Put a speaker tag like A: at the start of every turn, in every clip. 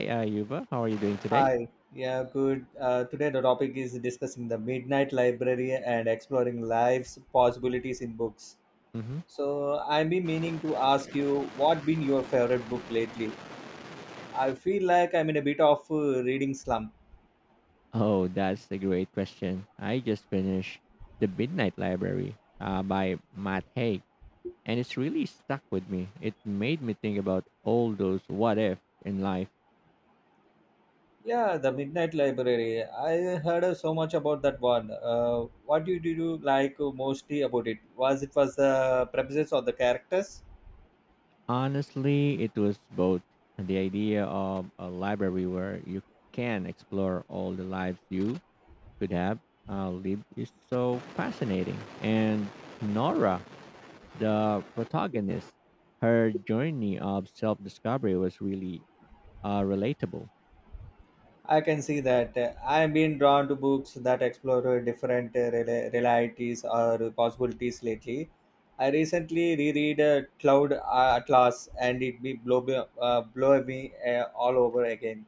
A: Hey, Yuba, how are you doing today?
B: Hi. Yeah, good. Today the topic is discussing the Midnight Library and exploring life's possibilities in books.
A: Hmm.
B: So I've been meaning to ask you, what been your favorite book lately? I feel like I'm in a bit of reading slump.
A: Oh, that's a great question. I just finished The Midnight Library by Matt Haig, and it's really stuck with me. It made me think about all those what if in life.
B: Yeah, the Midnight Library. I heard so much about that one. What did you like mostly about it? Was it was the premises or the characters?
A: Honestly, it was both the idea of a library where you can explore all the lives you could have lived is so fascinating, and Nora, the protagonist, her journey of self discovery was really relatable.
B: I can see that. I am being drawn to books that explore different realities or possibilities lately. I recently reread Cloud Atlas and it blow me all over again.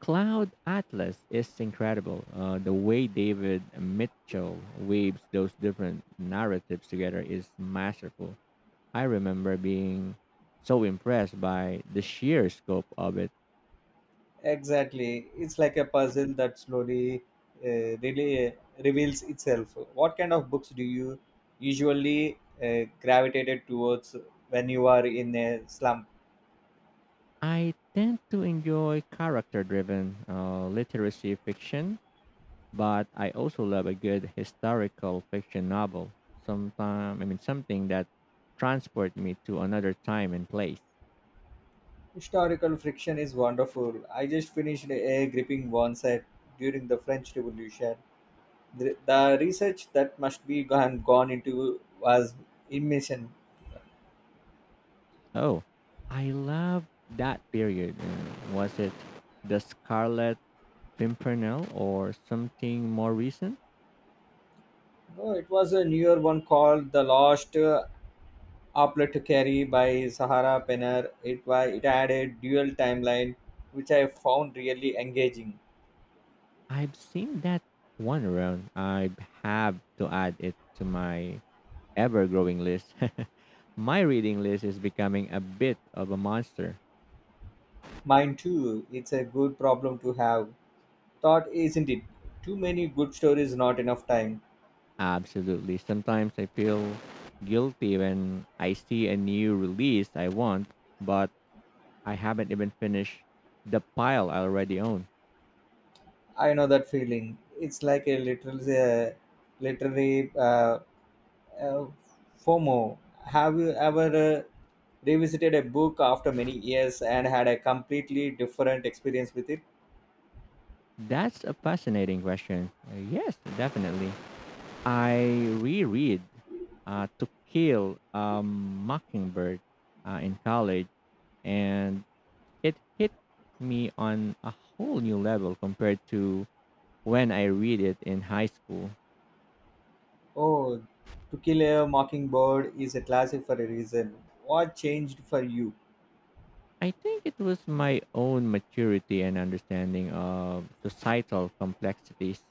A: Cloud Atlas is incredible. The way David Mitchell weaves those different narratives together is masterful. I remember being so impressed by the sheer scope of it.
B: Exactly. It's like a puzzle that slowly really reveals itself. What kind of books do you usually gravitated towards when you are in a slump?
A: I tend to enjoy character driven literacy fiction, but I also love a good historical fiction novel. Sometime, I mean, something that transport me to another time and place.
B: Historical friction is wonderful. I just finished a gripping one set during the French Revolution. The research that must be gone into was immersion.
A: Oh, I love that period. Was it the Scarlet Pimpernel or something more recent?
B: No, it was a newer one called The Lost Apothecary by Sahara Penner. It had a dual timeline, which I found really engaging.
A: I've seen that one around. I have to add it to my ever-growing list. My reading list is becoming a bit of a monster.
B: Mine too, it's a good problem to have. Thought, isn't it? Too many good stories, not enough time.
A: Absolutely. Sometimes I feel guilty when I see a new release I want, but I haven't even finished the pile I already own.
B: I know that feeling. It's like a literary uh, FOMO. Have you ever revisited a book after many years and had a completely different experience with it?
A: That's a fascinating question. Yes, definitely. I reread To Kill a Mockingbird in college, and it hit me on a whole new level compared to when I read it in high school.
B: Oh, To Kill a Mockingbird is a classic for a reason. What changed for you?
A: I think it was my own maturity and understanding of societal complexities.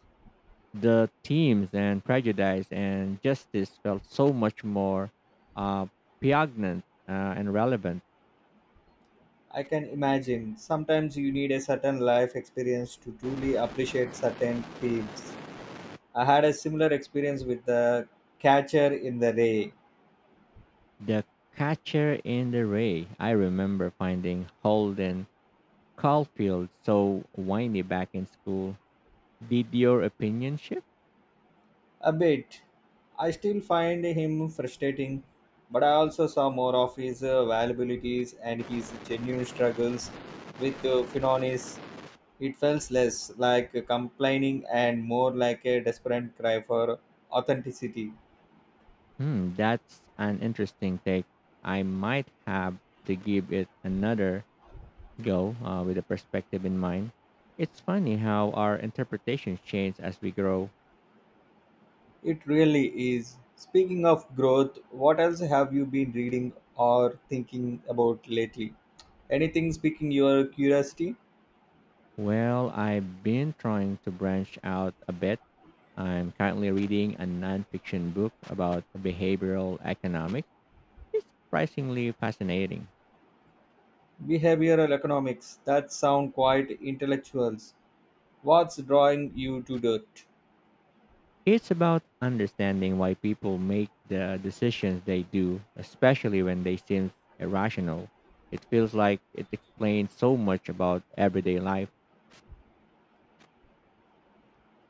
A: The themes and prejudice and justice felt so much more uh, pregnant and relevant.
B: I can imagine. Sometimes you need a certain life experience to truly appreciate certain themes. I had a similar experience with The Catcher in the Rye.
A: The Catcher in the Ray, I remember finding Holden Caulfield so whiny back in school. Did your opinion shift?
B: A bit. I still find him frustrating, but I also saw more of his valuabilities and his genuine struggles with Finonis. It felt less like complaining and more like a desperate cry for authenticity.
A: Hmm, that's an interesting take. I might have to give it another go with a perspective in mind. It's funny how our interpretations change as we grow.
B: It really is. Speaking of growth, what else have you been reading or thinking about lately? Anything speaking your curiosity?
A: Well, I've been trying to branch out a bit. I'm currently reading a nonfiction book about behavioral economics. It's surprisingly fascinating.
B: Behavioral economics that sound quite intellectuals. What's drawing you to it?
A: It's about understanding why people make the decisions they do, especially when they seem irrational. It feels like it explains so much about everyday life.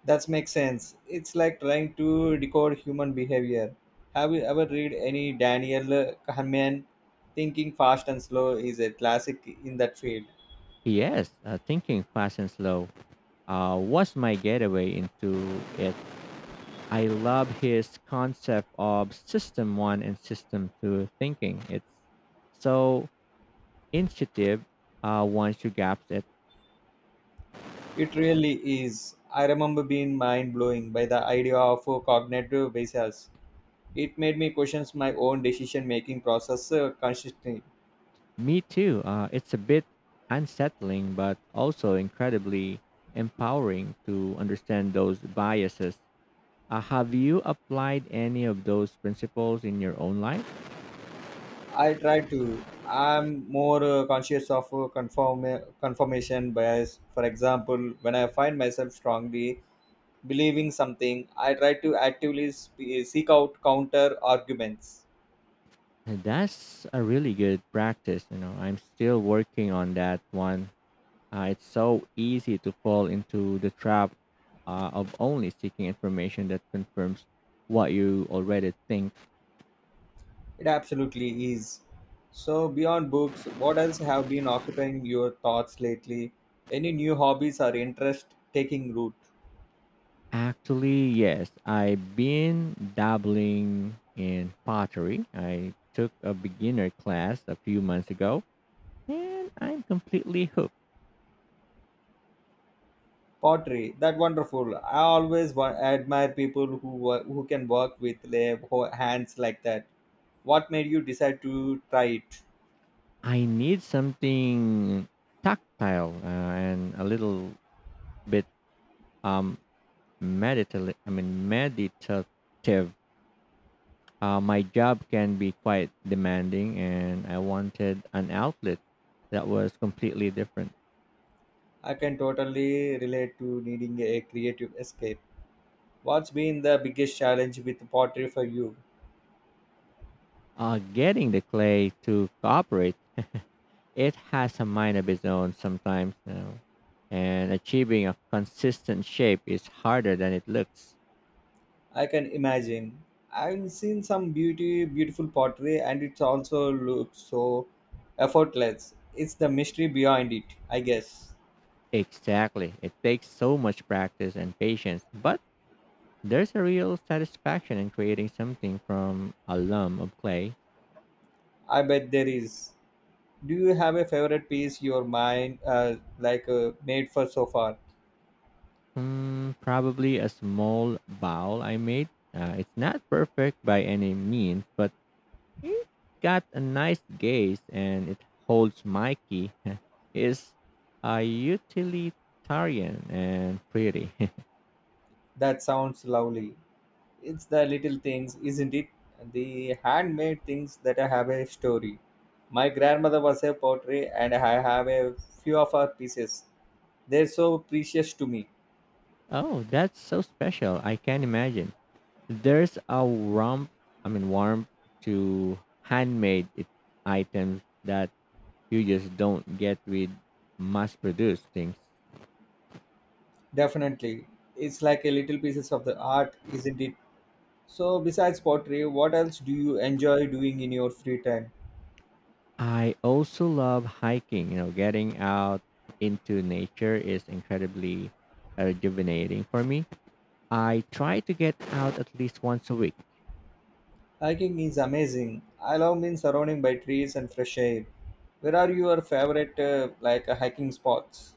B: That makes sense. It's like trying to decode human behavior. Have you ever read any Daniel Kahneman? Thinking Fast and Slow is a classic in that field.
A: Yes, thinking fast and slow was my getaway into it. I love his concept of system one and system two thinking. It's so intuitive once you grasp it.
B: It really is. I remember being mind blowing by the idea of cognitive biases. It made me question my own decision making process consistently.
A: Me too. It's a bit unsettling, but also incredibly empowering to understand those biases. Have you applied any of those principles in your own life?
B: I try to. I'm more conscious of conform confirmation bias. For example, when I find myself strongly believing something, I try to actively seek out counter arguments.
A: And that's a really good practice. You know, I'm still working on that one. It's so easy to fall into the trap of only seeking information that confirms what you already think.
B: It absolutely is. So, beyond books, what else have been occupying your thoughts lately? Any new hobbies or interest taking root?
A: Actually, yes, I've been dabbling in pottery. I took a beginner class a few months ago and I'm completely hooked.
B: Pottery, that wonderful. I always admire people who who can work with their hands like that. What made you decide to try it?
A: I need something tactile and a little bit um meditative, I mean meditative. My job can be quite demanding, and I wanted an outlet that was completely different.
B: I can totally relate to needing a creative escape. What's been the biggest challenge with pottery for you?
A: Getting the clay to cooperate, it has a mind of its own sometimes, you know, and achieving a consistent shape is harder than it looks.
B: I can imagine. I've seen some beautiful pottery, and it also looks so effortless. It's the mystery behind it, I guess.
A: Exactly. It takes so much practice and patience, but there's a real satisfaction in creating something from a lump of clay.
B: I bet there is. Do you have a favorite piece your mind made for so far?
A: Mm, probably a small bowl I made. It's not perfect by any means, but it got a nice gaze and it holds my key. It's a utilitarian and pretty.
B: That sounds lovely. It's the little things, isn't it? The handmade things that I have a story. My grandmother was a pottery and I have a few of her pieces. They're so precious to me.
A: Oh, that's so special. I can imagine. There's a warmth, I mean, warmth to handmade it, items that you just don't get with mass produced things.
B: Definitely. It's like a little pieces of the art, isn't it? So besides pottery, what else do you enjoy doing in your free time?
A: I also love hiking. You know, getting out into nature is incredibly rejuvenating for me. I try to get out at least once a week.
B: Hiking is amazing. I love being surrounded by trees and fresh air. Where are your favorite hiking spots?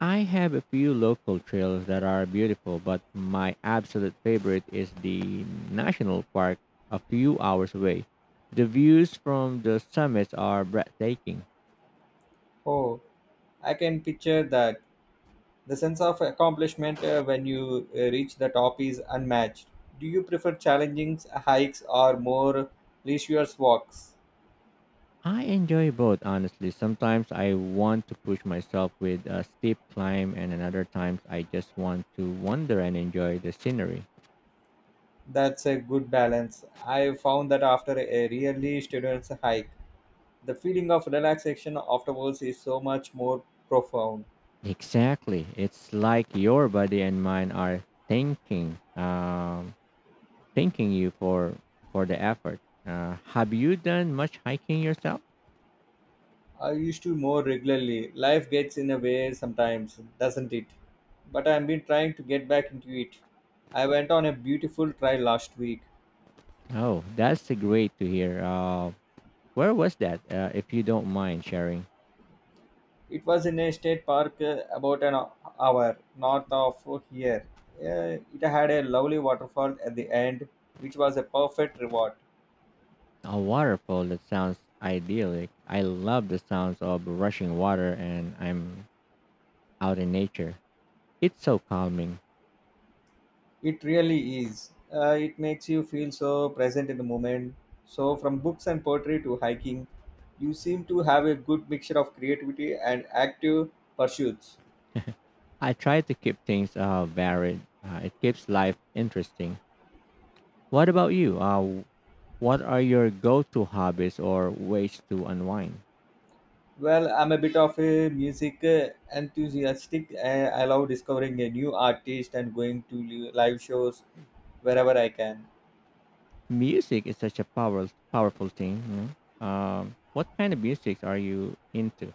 A: I have a few local trails that are beautiful, but my absolute favorite is the national park a few hours away. The views from the summits are breathtaking.
B: Oh, I can picture that. The sense of accomplishment when you reach the top is unmatched. Do you prefer challenging hikes or more leisurely walks?
A: I enjoy both, honestly. Sometimes I want to push myself with a steep climb, and another times I just want to wander and enjoy the scenery.
B: That's a good balance. I found that after a really strenuous hike, the feeling of relaxation afterwards is so much more profound.
A: Exactly. It's like your body and mind are thanking, thanking you for the effort. Have you done much hiking yourself?
B: I used to more regularly. Life gets in a way sometimes, doesn't it? But I've been trying to get back into it. I went on a beautiful trail last week.
A: Oh, that's a great to hear. Where was that? If you don't mind sharing.
B: It was in a state park about an hour north of here. It had a lovely waterfall at the end, which was a perfect reward.
A: A waterfall that sounds idyllic. I love the sounds of rushing water and I'm out in nature. It's so calming.
B: It really is. It makes you feel so present in the moment. So, from books and poetry to hiking, you seem to have a good mixture of creativity and active pursuits.
A: I try to keep things varied. It keeps life interesting. What about you? What are your go-to hobbies or ways to unwind?
B: Well, I'm a bit of a music enthusiastic. I love discovering a new artist and going to live shows wherever I can.
A: Music is such a power, powerful thing. You know? What kind of music are you into?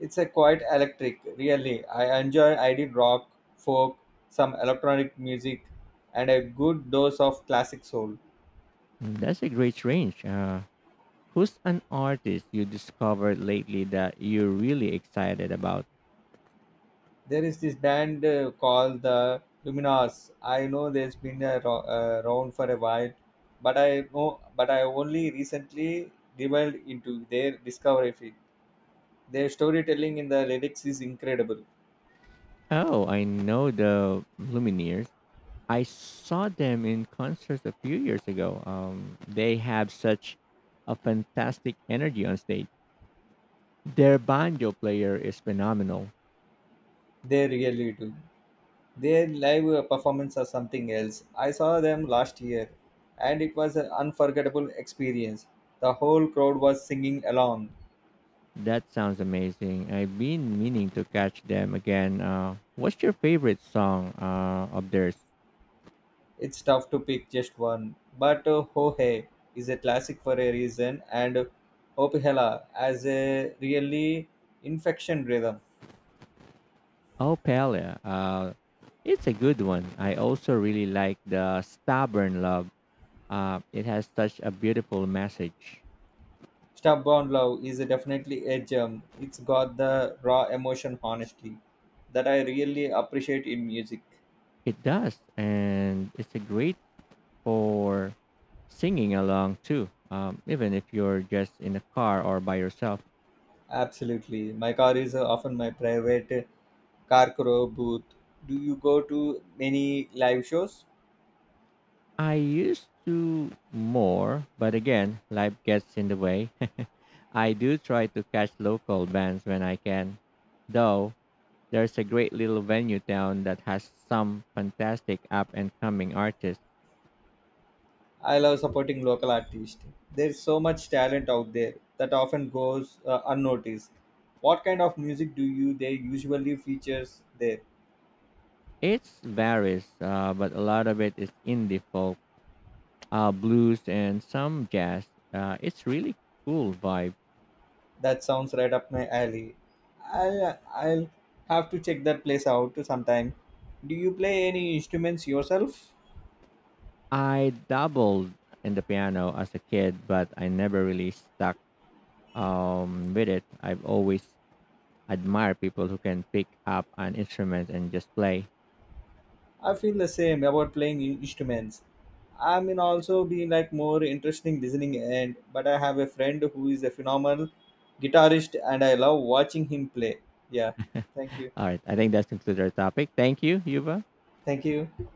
B: It's a quite electric, really. I enjoy I did rock, folk, some electronic music, and a good dose of classic soul.
A: Mm, that's a great range. Who's an artist you discovered lately that you're really excited about?
B: There is this band called the Luminous. I know there's been a around for a while, but I know, but I only recently delved into their discovery. Their storytelling in the lyrics is incredible.
A: Oh, I know the Lumineers. I saw them in concert a few years ago. They have such a fantastic energy on stage. Their banjo player is phenomenal.
B: They really do. Their live performance are something else. I saw them last year and it was an unforgettable experience. The whole crowd was singing along.
A: That sounds amazing. I've been meaning to catch them again. What's your favorite song of theirs?
B: It's tough to pick just one, but Ho Hey is a classic for a reason and Opihela has a really infection rhythm.
A: Oh, Pele. It's a good one. I also really like the Stubborn Love. It has such a beautiful message.
B: Stubborn Love is definitely a gem. It's got the raw emotion, honestly, that I really appreciate in music.
A: It does, and it's a great for singing along too, even if you're just in a car or by yourself.
B: Absolutely. My car is often my private car crow booth. Do you go to many live shows?
A: I used to more, but again, life gets in the way. I do try to catch local bands when I can, though there's a great little venue down that has some fantastic up and coming artists.
B: I love supporting local artists. There's so much talent out there that often goes unnoticed. What kind of music do you they usually features there?
A: It varies, but a lot of it is indie folk, blues, and some jazz. It's really cool vibe.
B: That sounds right up my alley. I'll have to check that place out sometime. Do you play any instruments yourself?
A: I dabbled in the piano as a kid, but I never really stuck with it. I've always admired people who can pick up an instrument and just play.
B: I feel the same about playing instruments. I mean, also being like more interesting listening and but I have a friend who is a phenomenal guitarist and I love watching him play. Yeah, thank you,
A: All right, I think that concludes our topic. Thank you, Yuba.
B: thank you.